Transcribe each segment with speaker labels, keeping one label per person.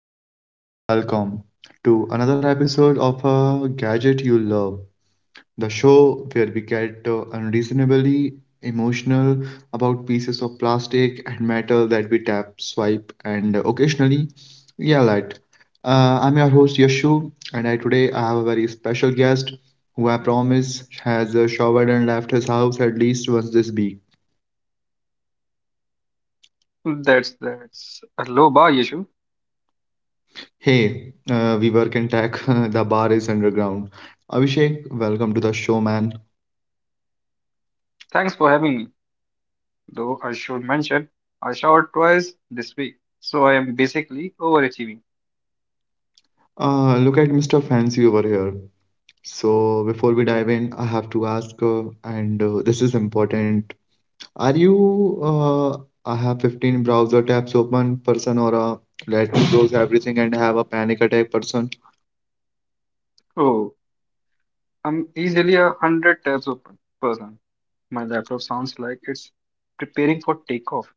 Speaker 1: Welcome, welcome, welcome to another episode of A Gadget You Love, the show where we get unreasonably emotional about pieces of plastic and metal that we tap, swipe, and occasionally yell at. I'm your host Yashu, and today I have a very special guest who I promise has showered and left his house at least once this week.
Speaker 2: That's a low bar, Yashu.
Speaker 1: Hey, we work in tech, the bar is underground. Abhishek, welcome to the show, man.
Speaker 2: Thanks for having me. Though I should mention, I showered twice this week, so I am basically overachieving.
Speaker 1: Look at Mr. Fancy over here. So, before we dive in, I have to ask, and this is important. Are you, uh, I have 15 browser tabs open person, or a let me close everything and have a panic attack person?
Speaker 2: Oh, I'm easily a hundred tabs open person. My laptop sounds like it's preparing for takeoff.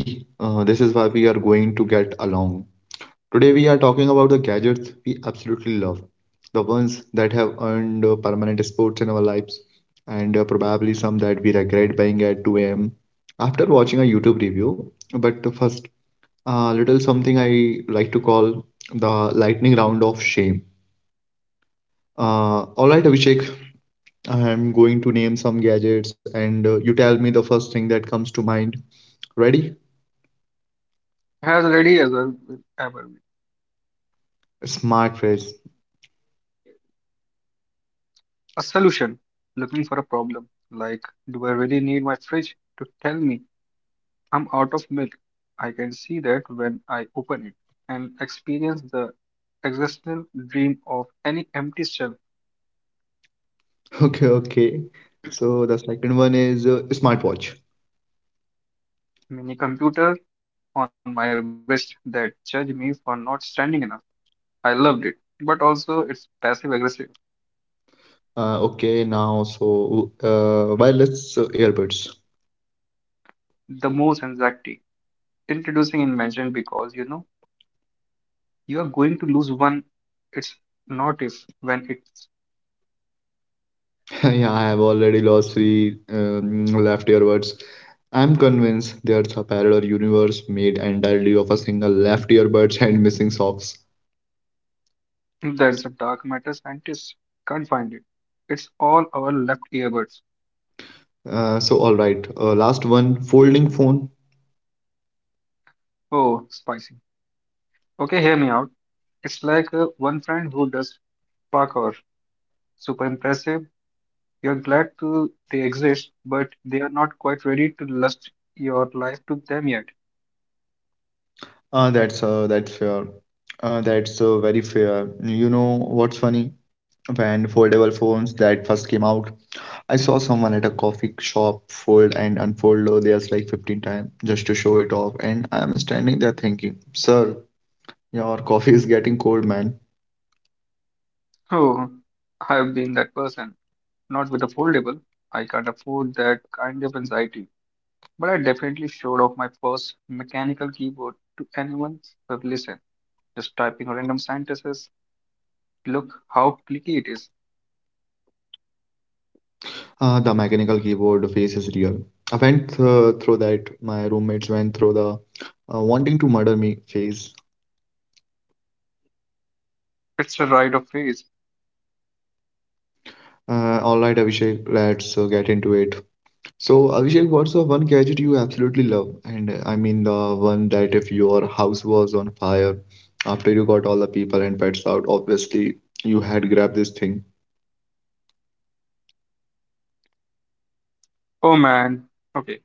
Speaker 1: See, this is why we are going to get along. Today we are talking about the gadgets we absolutely love, the ones that have earned permanent spots in our lives, and probably some that we regret buying at 2 a.m. after watching a YouTube review. But first, a little something I like to call the lightning round of shame. All right, Abhishek, I'm going to name some gadgets, and you tell me the first thing that comes to mind. Ready?
Speaker 2: As ready as I will ever be.
Speaker 1: Smart fridge.
Speaker 2: A solution. Looking for a problem. Like, do I really need my fridge to tell me I'm out of milk? I can see that when I open it and experience the existential dream of any empty shelf.
Speaker 1: Okay, okay. So the second one is smartwatch.
Speaker 2: Mini computer on my wrist that judged me for not standing enough. I loved it, but also it's passive aggressive.
Speaker 1: Okay, now, wireless earbuds.
Speaker 2: The most anxiety introducing invention because you know you are going to lose one. It's not if when it's
Speaker 1: Yeah, I have already lost three left earbuds. I'm convinced there's a parallel universe made entirely of a single left earbuds and missing socks.
Speaker 2: there's a dark matter scientist can't find it. It's all our left earbuds.
Speaker 1: All right, last one, folding phone.
Speaker 2: Oh, spicy. Okay, hear me out. It's like one friend who does parkour, super impressive. You're glad to they exist, but they are not quite ready to lust your life to them yet.
Speaker 1: That's fair. That's very fair. You know what's funny? When foldable phones that first came out, I saw someone at a coffee shop fold and unfold theirs like 15 times just to show it off, and I'm standing there thinking, sir, your coffee is getting cold, man.
Speaker 2: Oh, I've been that person. Not with a foldable. I can't afford that kind of anxiety. But I definitely showed off my first mechanical keyboard to anyone who would listen. Just typing random sentences. Look how clicky it is.
Speaker 1: The mechanical keyboard face is real. I went through that, my roommates went through the wanting to murder me phase.
Speaker 2: It's a rite of phase.
Speaker 1: All right, Abhishek, let's get into it. So, Abhishek, what's the one gadget you absolutely love? And I mean, the one that if your house was on fire after you got all the people and pets out, obviously you had grabbed this thing.
Speaker 2: Oh man. Okay,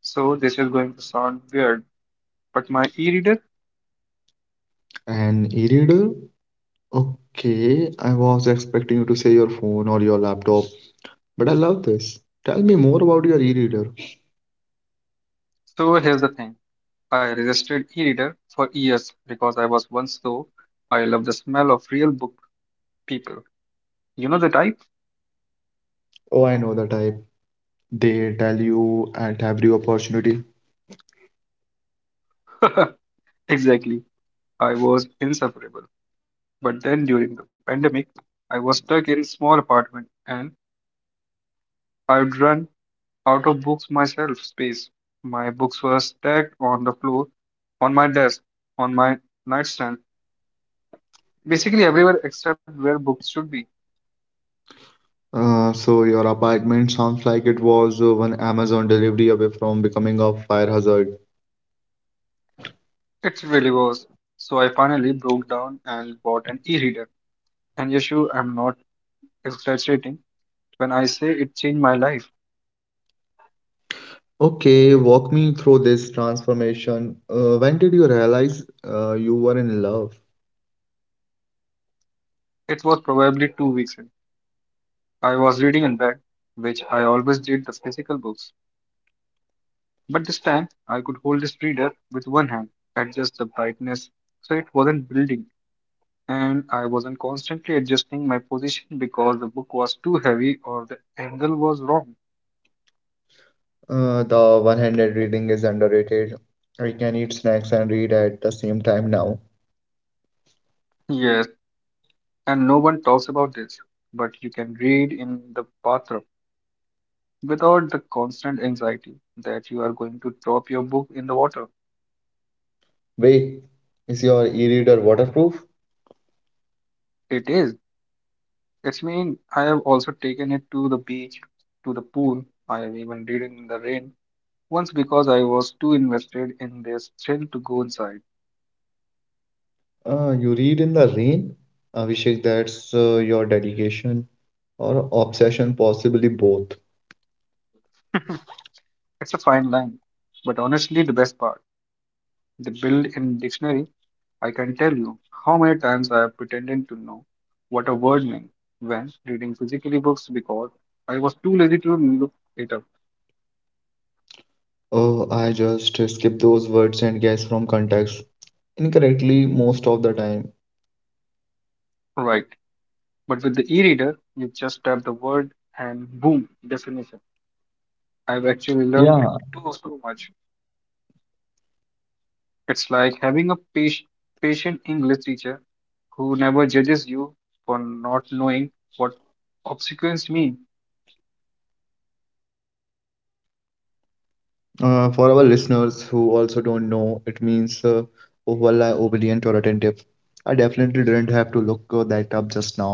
Speaker 2: so this is going to sound weird but my e reader.
Speaker 1: An e-reader? Okay, I was expecting you to say your phone or your laptop, but I love this. Tell me more about your e-reader.
Speaker 2: So here's the thing. I resisted e-reader for years because I was once so I love the smell of real book people. You know the type?
Speaker 1: Oh, I know the type. They tell you at every opportunity.
Speaker 2: Exactly. I was insufferable. But then during the pandemic, I was stuck in small apartment and I'd run out of books myself space. My books were stacked on the floor, on my desk, on my nightstand, basically everywhere except where books should be.
Speaker 1: So your apartment sounds like it was one Amazon delivery away from becoming a fire hazard.
Speaker 2: It really was. So I finally broke down and bought an e-reader. And Yashu, I'm not exaggerating when I say it changed my life.
Speaker 1: Okay, walk me through this transformation. When did you realize you were in love?
Speaker 2: It was probably 2 weeks in. I was reading in bed, which I always did the physical books. But this time, I could hold this reader with one hand, adjust the brightness so it wasn't building, and I wasn't constantly adjusting my position because the book was too heavy or the angle was wrong.
Speaker 1: The one-handed reading is underrated. I can eat snacks and read at the same time now.
Speaker 2: Yes, and no one talks about this, but you can read in the bathroom without the constant anxiety that you are going to drop your book in the water.
Speaker 1: Wait, is your e-reader waterproof?
Speaker 2: It is. It's mean I have also taken it to the beach, to the pool. I have even did it in the rain once because I was too invested in this thrill to go inside.
Speaker 1: You read in the rain? Abhishek, that's your dedication or obsession, possibly both.
Speaker 2: It's a fine line. But honestly, the best part, the built in dictionary, I can tell you how many times I have pretended to know what a word meant when reading physically books because I was too lazy to look it up.
Speaker 1: Oh, I just skip those words and guess from context incorrectly most of the time.
Speaker 2: Right. But with the e-reader, you just tap the word and boom, definition. I've actually learned
Speaker 1: Yeah.
Speaker 2: too so much. It's like having a patient English teacher who never judges you for not knowing what obsequence mean.
Speaker 1: For our listeners who also don't know, it means overly obedient or attentive. I definitely didn't have to look that up just now.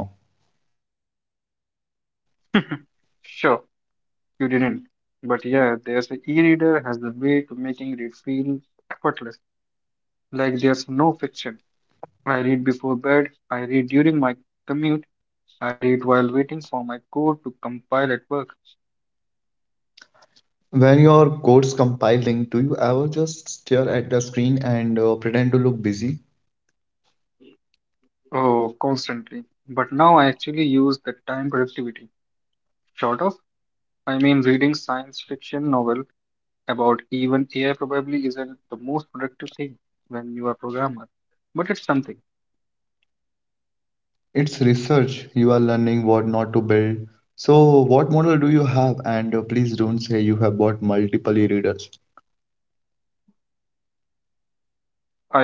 Speaker 2: Sure, you didn't. But yeah, there's an e-reader has the way to making it feel effortless, like there's no friction. I read before bed, I read during my commute, I read while waiting for my code to compile at work.
Speaker 1: When you're code's compiling, do you ever just stare at the screen and pretend to look busy?
Speaker 2: Oh, constantly. But now I actually use the time productivity. Sort of. I mean, reading science fiction novel about even AI probably isn't the most productive thing when you are a programmer. But it's something.
Speaker 1: It's research. You are learning what not to build. So, what model do you have? And please don't say you have bought multiple e-readers.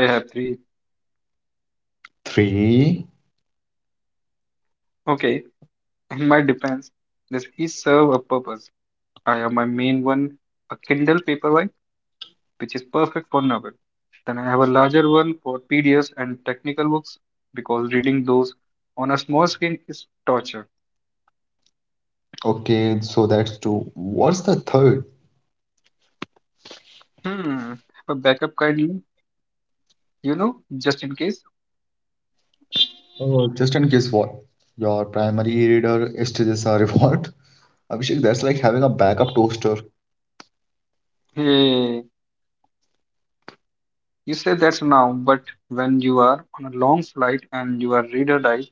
Speaker 2: I have three.
Speaker 1: Three.
Speaker 2: Okay, in my defense, this is serve a purpose. I have my main one, a Kindle Paperwhite, which is perfect for novel. Then I have a larger one for PDFs and technical books because reading those on a small screen is torture.
Speaker 1: Okay, so that's two. What's the third?
Speaker 2: Hmm, have a backup kindly, you know, just in case.
Speaker 1: Oh, just in case what? Your primary reader stages are revolt. Abhishek, that's like having a backup toaster.
Speaker 2: Hey, you say that's now, but when you are on a long flight and you are reader dies,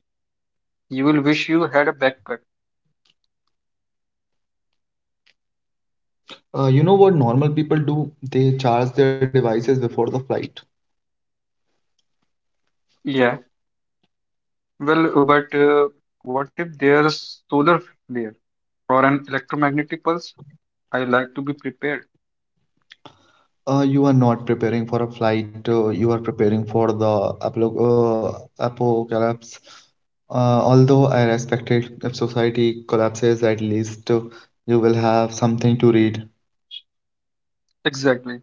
Speaker 2: you will wish you had a backpack.
Speaker 1: You know what normal people do? They charge their devices before the flight.
Speaker 2: Yeah, well, but what if there's solar flare or an electromagnetic pulse? I like to be prepared.
Speaker 1: You are not preparing for a flight. You are preparing for the apocalypse. Uh, Although I respect it, if society collapses, at least you will have something to read.
Speaker 2: Exactly.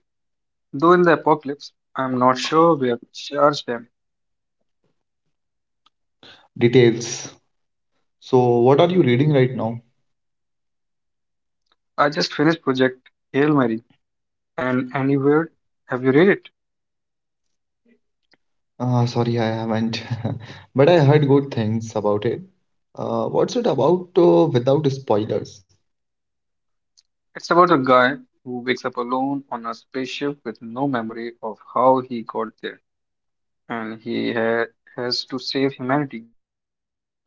Speaker 2: Though in the apocalypse, I'm not sure where to charge them.
Speaker 1: Details. So, what are you reading right now?
Speaker 2: I just finished Project Hail Mary, and anywhere, have you read it?
Speaker 1: Sorry, I haven't, but I heard good things about it. What's it about without spoilers?
Speaker 2: It's about a guy who wakes up alone on a spaceship with no memory of how he got there, and he ha has to save humanity.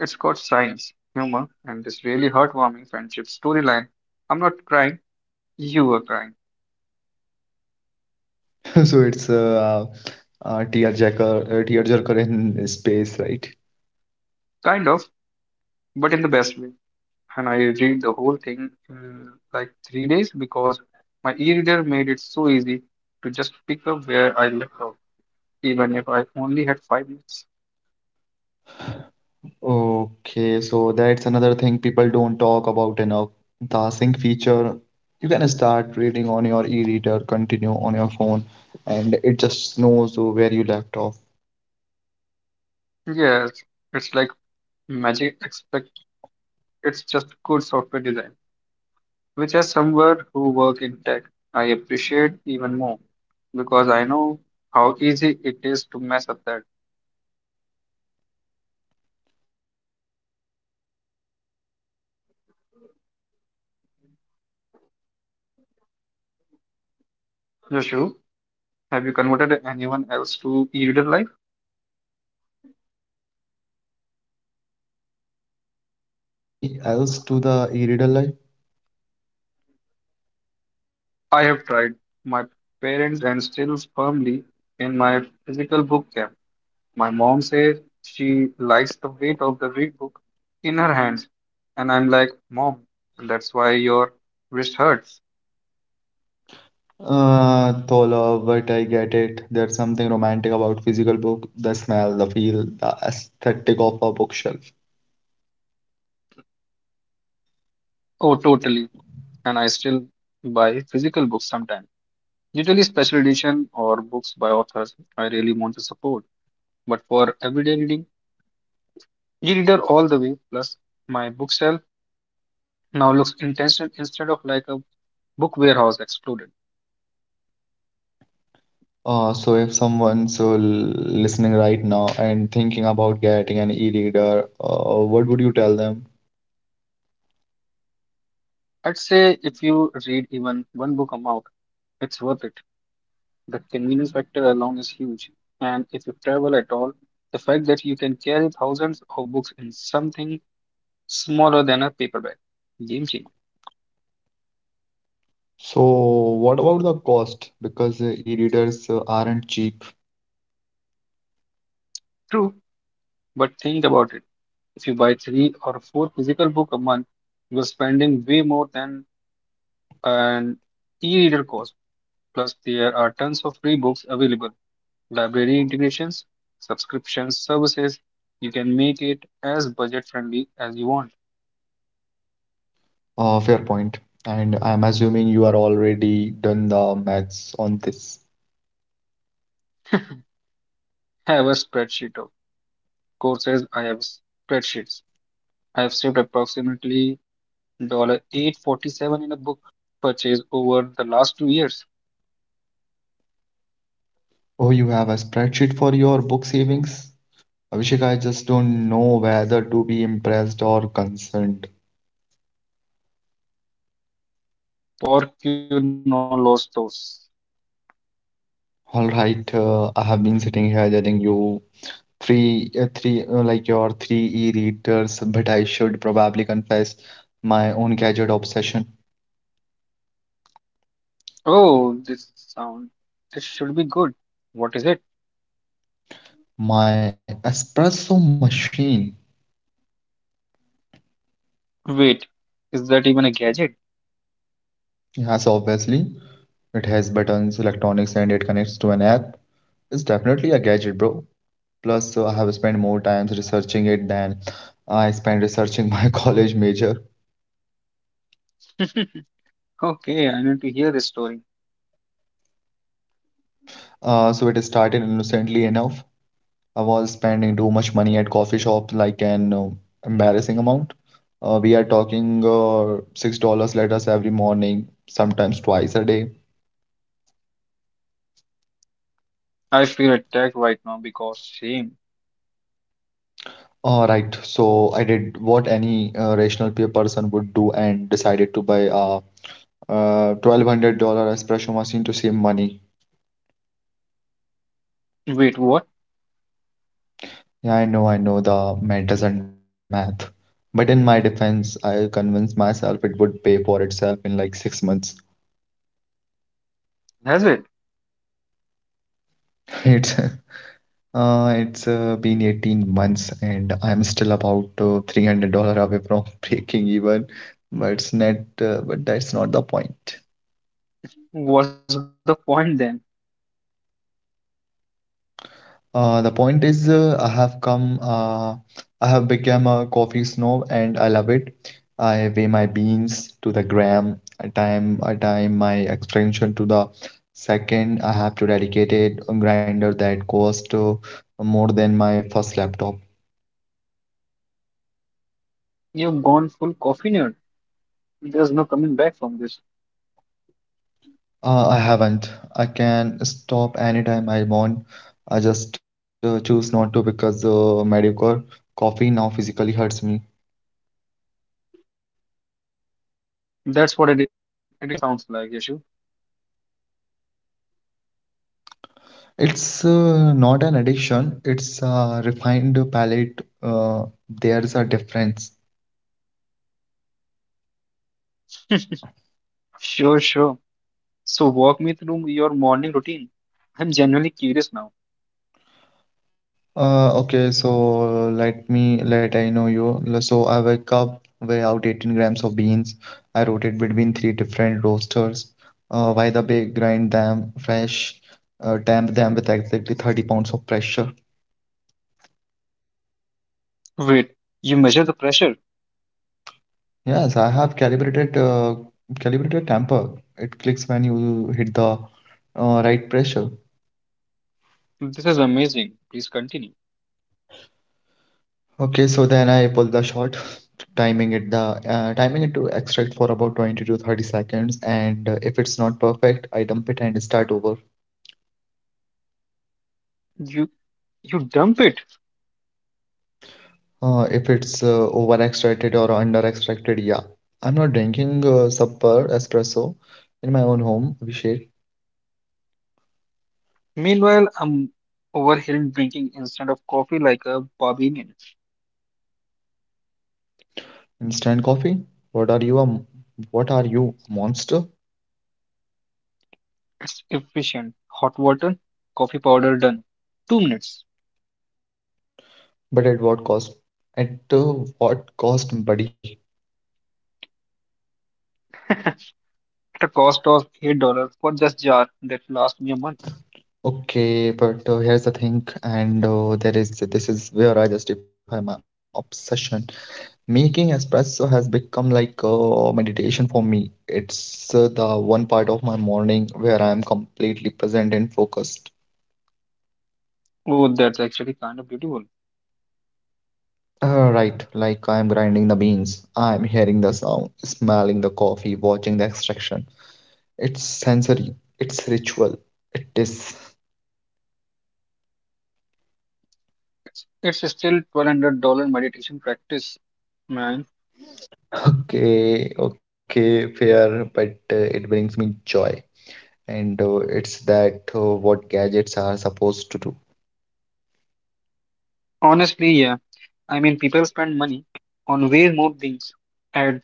Speaker 2: It's got science, humor, and this really heartwarming friendship storyline. I'm not crying, you were crying.
Speaker 1: So it's a tearjerker in space, right?
Speaker 2: Kind of, but in the best way. And I read the whole thing in like 3 days because my e-reader made it so easy to just pick up where I left off, even if I only had 5 minutes.
Speaker 1: Okay, so that's another thing people don't talk about enough. The sync feature, you can start reading on your e-reader, continue on your phone, and it just knows where you left off.
Speaker 2: Yes, it's like magic. It's just good software design, which as someone who work in tech, I appreciate even more because I know how easy it is to mess up that.
Speaker 1: Have you converted anyone else to the e-reader life?
Speaker 2: Yashu, have you converted anyone else to e-reader life?
Speaker 1: Yeah, Abhishek, I'm just asking that. Like, have you converted any else to the e-reader life?
Speaker 2: I have tried. My parents and still firmly in my physical book camp. My mom says she likes the weight of the read book in her hands, and I'm like, Mom, that's why your wrist hurts.
Speaker 1: Thola, but I get it. There's something romantic about physical book, the smell, the feel, the aesthetic of a bookshelf.
Speaker 2: Oh, totally. And I still buy physical books sometimes. Usually special edition or books by authors I really want to support, but for everyday reading, e-reader all the way. Plus, my bookshelf now looks intentional instead of like a book warehouse exploded.
Speaker 1: So if someone's listening right now and thinking about getting an e-reader, what would you tell them?
Speaker 2: I'd say if you read even one book a month, it's worth it. The convenience factor alone is huge, and if you travel at all, the fact that you can carry thousands of books in something smaller than a paperback, game changer.
Speaker 1: So what about the cost? Because e-readers aren't cheap.
Speaker 2: True, but think about it. If you buy three or four physical book a month, you are spending way more than an e-reader cost. Plus, there are tons of free books available. Library integrations, subscriptions, services. You can make it as budget friendly as you want.
Speaker 1: Fair point. And I'm assuming you are already done the maths on this.
Speaker 2: I have a spreadsheet of courses. I have spreadsheets. I have saved approximately 847 in a book purchase over the last 2 years.
Speaker 1: Oh, you have a spreadsheet for your book savings? Abhishek, I just don't know whether to be impressed or concerned.
Speaker 2: Por que eu não los dos?
Speaker 1: All right, I have been sitting here telling you three three like your three e-readers, but I should probably confess my own gadget obsession.
Speaker 2: Oh, this sound. This should be good. What is it?
Speaker 1: My espresso machine.
Speaker 2: Wait, is that even a gadget?
Speaker 1: Yes, obviously it has buttons, electronics, and it connects to an app. It's definitely a gadget, bro. Plus, I have spent more time researching it than I spent researching my college major.
Speaker 2: Okay, I need to hear this story.
Speaker 1: So it started innocently enough. I was spending too much money at coffee shops, like an embarrassing amount. We are talking $6 letters every morning, sometimes twice a day.
Speaker 2: I feel attacked right now because shame.
Speaker 1: All right, so I did what any rational person would do and decided to buy a $1,200 espresso machine to save money.
Speaker 2: Wait, what?
Speaker 1: Yeah, I know the math doesn't math, but in my defense, I convinced myself it would pay for itself in like 6 months.
Speaker 2: Has it?
Speaker 1: It's it's been 18 months and I'm still about $300 away from breaking even, but that's not the point.
Speaker 2: What's the point then?
Speaker 1: The point is, I have come, I have become a coffee snob and I love it. I weigh my beans to the gram, I time my extraction to the second. I have to dedicate it a grinder that cost more than my first laptop.
Speaker 2: You've gone full coffee nerd. There's no coming back from this.
Speaker 1: I haven't. I can stop anytime I want. I just choose not to because mediocre coffee now physically hurts me.
Speaker 2: That's what addiction sounds like, Yashu.
Speaker 1: It's not an addiction, it's a refined palate. There's a difference.
Speaker 2: Sure. So walk me through your morning routine. I'm genuinely curious now.
Speaker 1: Okay, so let me let I know you. L- So I wake up, weigh out 18 grams of beans. I rotate between three different roasters. While the bake grind them fresh, damp them with exactly 30 lbs of pressure.
Speaker 2: Wait, you measure the pressure.
Speaker 1: Yes, I have calibrated tamper. It clicks when you hit the right pressure.
Speaker 2: This is amazing. Please continue.
Speaker 1: Okay, so then I pull the shot, timing it to extract for about 20 to 30 seconds, and if it's not perfect, I dump it and start over.
Speaker 2: You. You dump it.
Speaker 1: If it's over extracted or under extracted, yeah. I'm not drinking super espresso in my own home, Abhishek.
Speaker 2: Meanwhile, I'm over here drinking instead of coffee like a barbarian.
Speaker 1: Instant coffee. What are you a m- what are you, a monster?
Speaker 2: It's efficient. Hot water, coffee powder done. 2 minutes.
Speaker 1: But at what cost? At what cost, buddy?
Speaker 2: At a cost of $8 for just jar that lasts me a month.
Speaker 1: Okay, but here's the thing, and there is this is where I justify my obsession. Making espresso has become like meditation for me. It's the one part of my morning where I am completely present and focused.
Speaker 2: Oh, that's actually kind of beautiful.
Speaker 1: Right, like I am grinding the beans, I am hearing the sound, smelling the coffee, watching the extraction. It's sensory, it's ritual, it is.
Speaker 2: It's still $1,200 meditation practice, man.
Speaker 1: Okay, okay, fair, but it brings me joy, and it's that what gadgets are supposed to do.
Speaker 2: Honestly, yeah. I mean, people spend money on way more things. At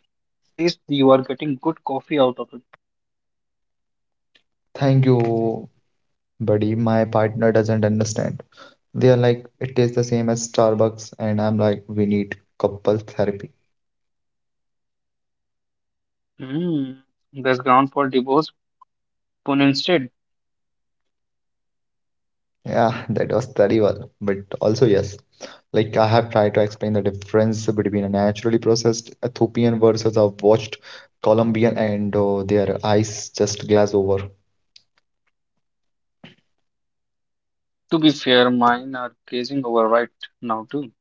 Speaker 2: least you are getting good coffee out of it.
Speaker 1: Thank you, buddy. My partner doesn't understand. They are like, it tastes the same as Starbucks, and I'm like, we need couple therapy.
Speaker 2: Hmm. There's ground for divorce Pune instead.
Speaker 1: Yeah, that was terrible, but also yes. Like I have tried to explain the difference between a naturally processed Ethiopian versus a watched Colombian, and their eyes just glaze over.
Speaker 2: To be fair, mine are gazing over right now too.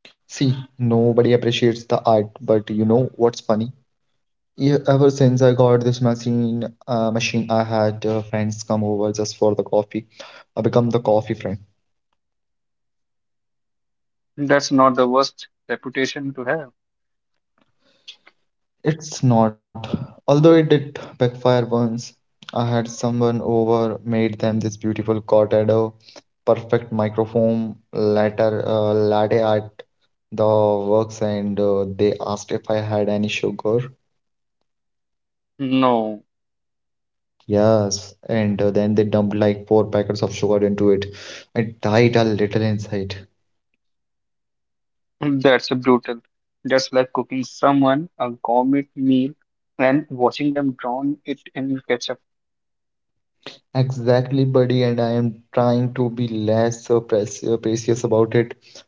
Speaker 1: See, nobody appreciates the art, but you know what's funny? Yeah, ever since I got this machine, I had friends come over just for the coffee. I become the coffee friend.
Speaker 2: That's not the worst reputation to have.
Speaker 1: It's not, although it did backfire once. I had someone over, made them this beautiful cortado, perfect microphone, latte art, the works, and they asked if I had any sugar.
Speaker 2: No,
Speaker 1: Yes, and then they dumped like four packets of sugar into it. I died a little inside.
Speaker 2: that's brutal. That's like cooking someone a gourmet meal and watching them drown it in ketchup.
Speaker 1: Exactly, buddy, and I am trying to be less precious about it.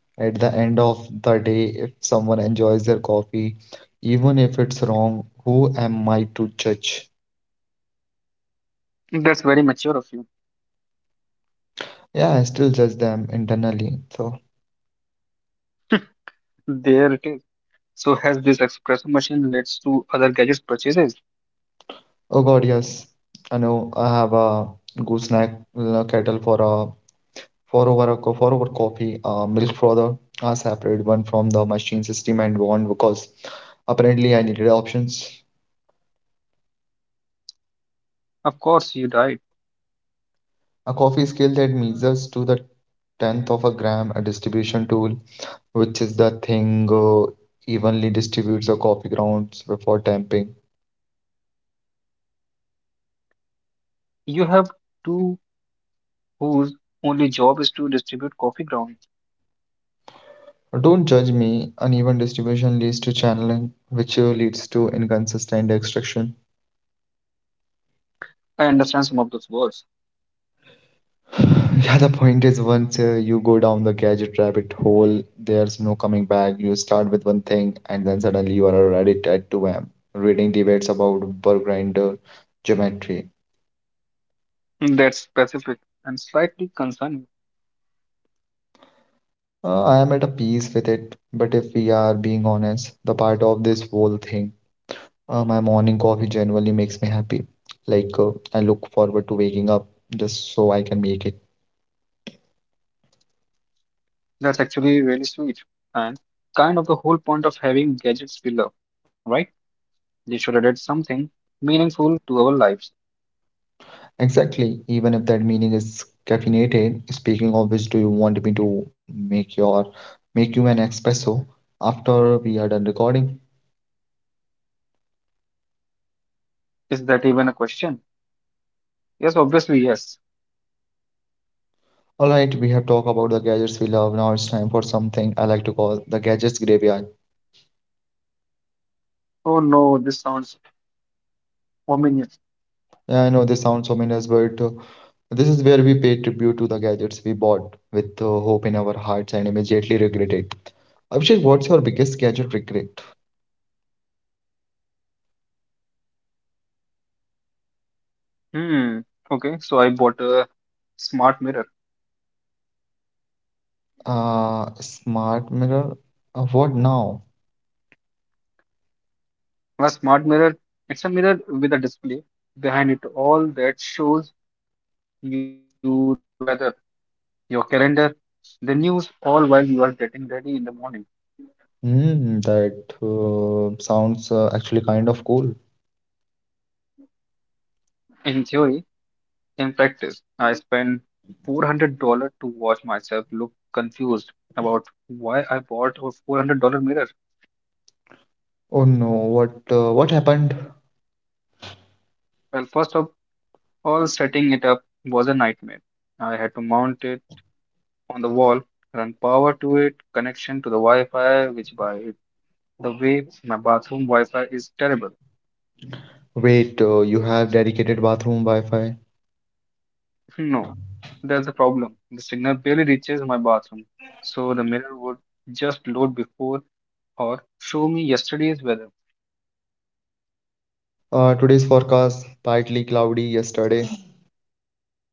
Speaker 1: At the end of the day, if someone enjoys their coffee, even if it's wrong, who am I to judge?
Speaker 2: That's very mature of you.
Speaker 1: Yeah, I still judge them internally.
Speaker 2: There it is. So has this espresso machine led to other gadgets purchases?
Speaker 1: Oh God, yes, I know I have a gooseneck kettle for a for over coffee, milk frothers are separate, one from the machine system and one because apparently I needed options.
Speaker 2: Of course you died.
Speaker 1: A coffee scale that measures to the tenth of a gram, a distribution tool, which is the thing evenly distributes the coffee grounds before tamping.
Speaker 2: You have two whose only job is to distribute coffee grounds.
Speaker 1: Don't judge me. Uneven distribution leads to channeling, which leads to inconsistent extraction.
Speaker 2: I understand some of those words.
Speaker 1: Yeah, the point is, once you go down the gadget rabbit hole, there's no coming back. You start with one thing, and then suddenly you are already at 2 a.m., reading debates about burr grinder geometry.
Speaker 2: That's specific and slightly concerning.
Speaker 1: I am at a peace with it, but if we are being honest, the part of this whole thing, my morning coffee generally makes me happy. Like, I look forward to waking up just so I can make it.
Speaker 2: That's actually really sweet and kind of the whole point of having gadgets we love, right? They should add something meaningful to our lives.
Speaker 1: Exactly, even if that meaning is caffeinated. Speaking of which, do you want me to make your make you an espresso after we are done recording?
Speaker 2: Is that even a question? Yes, obviously, yes.
Speaker 1: All right, we have talked about the gadgets we love. Now it's time for something I like to call the gadgets graveyard.
Speaker 2: Oh no, this sounds ominous.
Speaker 1: Yeah, I know this sounds so ominous, but this is where we pay tribute to the gadgets we bought with hope in our hearts and immediately regret it. Abhishek, what's your biggest gadget regret?
Speaker 2: Hmm. Okay, so I bought a smart mirror.
Speaker 1: Smart mirror? What now?
Speaker 2: A smart mirror, it's a mirror with a display behind it all that shows you the weather, your calendar, the news, all while you are getting ready in the morning.
Speaker 1: Hmm, that sounds actually kind of cool.
Speaker 2: In theory, in practice, I spent $400 to watch myself look confused about why I bought a $400 mirror.
Speaker 1: Oh no, what happened?
Speaker 2: Well, first of all, setting it up was a nightmare. I had to mount it on the wall, run power to it, connection to the Wi Fi, which by the way, my bathroom Wi Fi is terrible.
Speaker 1: Wait, you have dedicated bathroom Wi-Fi.
Speaker 2: No, that's the problem. The signal barely reaches my bathroom, so the mirror would just load before or show me yesterday's weather.
Speaker 1: Today's forecast, partly cloudy yesterday.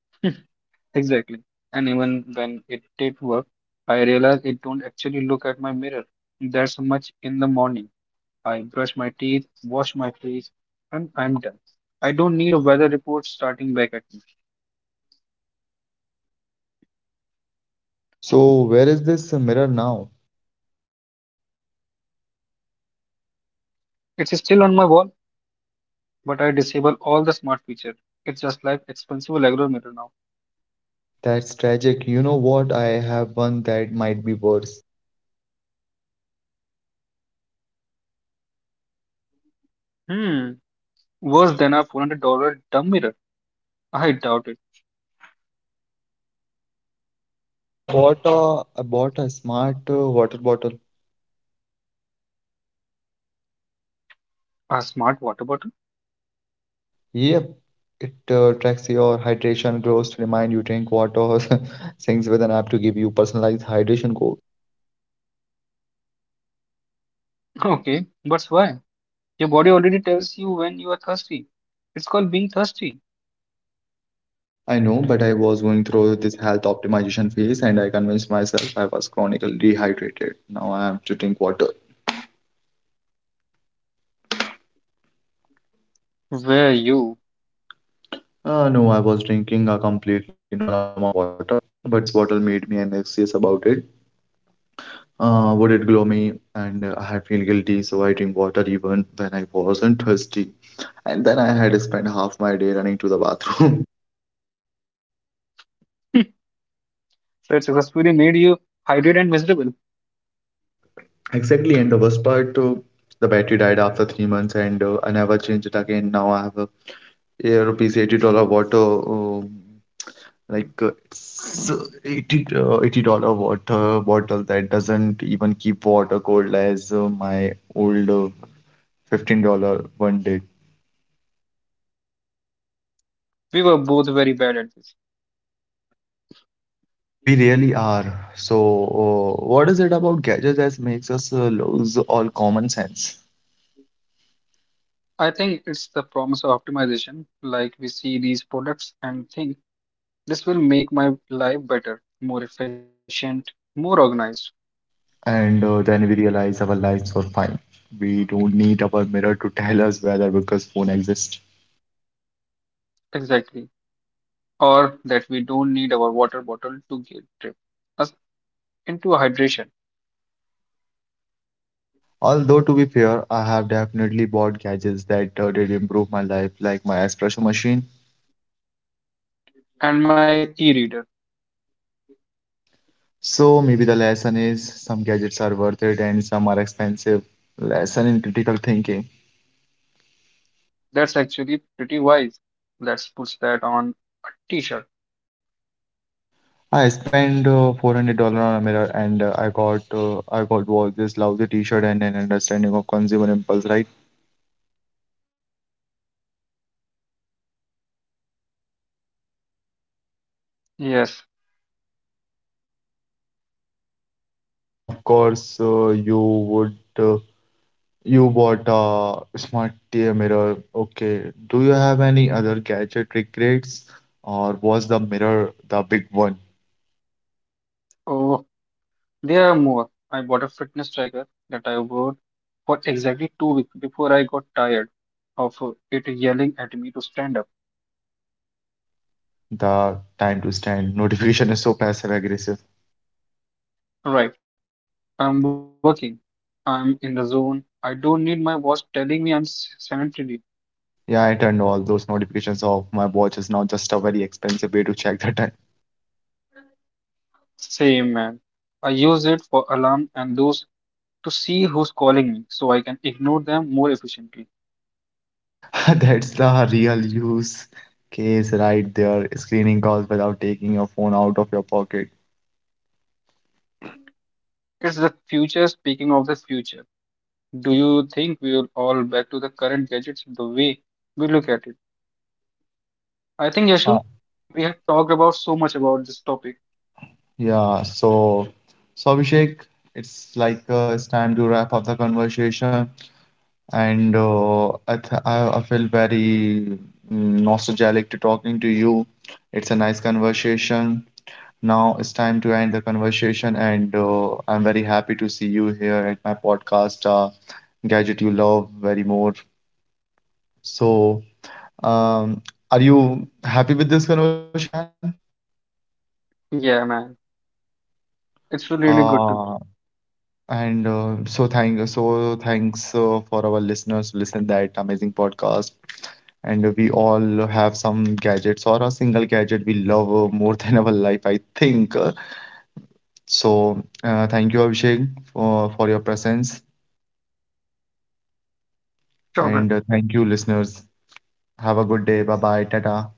Speaker 2: Exactly. And even when it did work, I realized it don't actually look at my mirror. That's much in the morning. I brush my teeth, wash my face, and I'm done. I don't need a weather report starting back at me.
Speaker 1: So where is this mirror now?
Speaker 2: It's still on my wall, but I disable all the smart feature. It's just like expensive regular mirror now.
Speaker 1: That's tragic. You know what? I have one that might be worse.
Speaker 2: Hmm. Worse than a $400 dumb mirror. I doubt it.
Speaker 1: I bought a smart water bottle.
Speaker 2: A smart water bottle?
Speaker 1: Yep, it tracks your hydration goals to remind you drink water. Syncs with an app to give you personalized hydration goals.
Speaker 2: Okay, but why? Your body already tells you when you are thirsty. It's called being thirsty.
Speaker 1: I know, but I was going through this health optimization phase and I convinced myself I was chronically dehydrated. Now I have to drink water.
Speaker 2: Were you?
Speaker 1: No, I was drinking a completely normal amount of water, but this bottle made me anxious about it. Would it glow me? And I had feel guilty, so I drink water even when I wasn't thirsty. And then I had spent half my day running to the bathroom.
Speaker 2: That successfully made you hydrated and miserable.
Speaker 1: Exactly, and the worst part, the battery died after 3 months, and I never changed it again. Now I have a yeah, rupees $80 water Like it's 80 $80 water bottle that doesn't even keep water cold as my old $15 one did.
Speaker 2: We were both very bad at this.
Speaker 1: We really are. So, what is it about gadgets that makes us lose all common sense?
Speaker 2: I think it's the promise of optimization. Like we see these products and think this will make my life better, more efficient, more organized.
Speaker 1: And then we realize our lives were fine. We don't need our mirror to tell us whether because phone exists.
Speaker 2: Exactly. Or that we don't need our water bottle to get drip us into hydration.
Speaker 1: Although to be fair, I have definitely bought gadgets that did improve my life, like my espresso machine.
Speaker 2: And my e-reader.
Speaker 1: So maybe the lesson is some gadgets are worth it and some are expensive. Lesson in critical thinking.
Speaker 2: That's actually pretty wise. Let's put that on a t-shirt.
Speaker 1: I spent $400 on a mirror and I got was this lousy t-shirt and an understanding of consumer impulse, right?
Speaker 2: Yes.
Speaker 1: Yeah, of course you would you bought a smart V mirror. Okay, do you have any other gadget regrets or was the mirror the big one?
Speaker 2: Oh. There are more. I bought a fitness tracker that I wore for exactly 2 weeks before I got tired of it yelling at me to stand up.
Speaker 1: The time to stand notification is so passive aggressive.
Speaker 2: Right, I'm working. I'm in the zone. I don't need my watch telling me I'm sanitary.
Speaker 1: Yeah, I turned all those notifications off. My watch is now just a very expensive way to check the time.
Speaker 2: Same man. I use it for alarm and those to see who's calling me so I can ignore them more efficiently.
Speaker 1: That's the real use case right there. Screening calls without taking your phone out of your pocket.
Speaker 2: It's the future. Speaking of the future, do you think we will all back to the current gadgets the way we look at it? I think, Yashu,
Speaker 1: Uh,
Speaker 2: we have talked about so much about this topic.
Speaker 1: Yeah, so so Abhishek, it's like it's time to wrap up the conversation, and I, th I feel very nostalgic to talking to you. It's a nice conversation. Now it's time to end the conversation, and I'm very happy to see you here at my podcast, Gadget You Love Very More. So, um, are you happy with this conversation, man?
Speaker 2: Yeah, man. It's really really good to.
Speaker 1: Uh, and so thanks for our listeners to listen that amazing podcast. And we all have some gadgets or a single gadget we love more than our life, I think. So, thank you, Abhishek, for your presence.
Speaker 2: Sure, man.
Speaker 1: And thank you, listeners. Have a good day. Bye bye. Tata.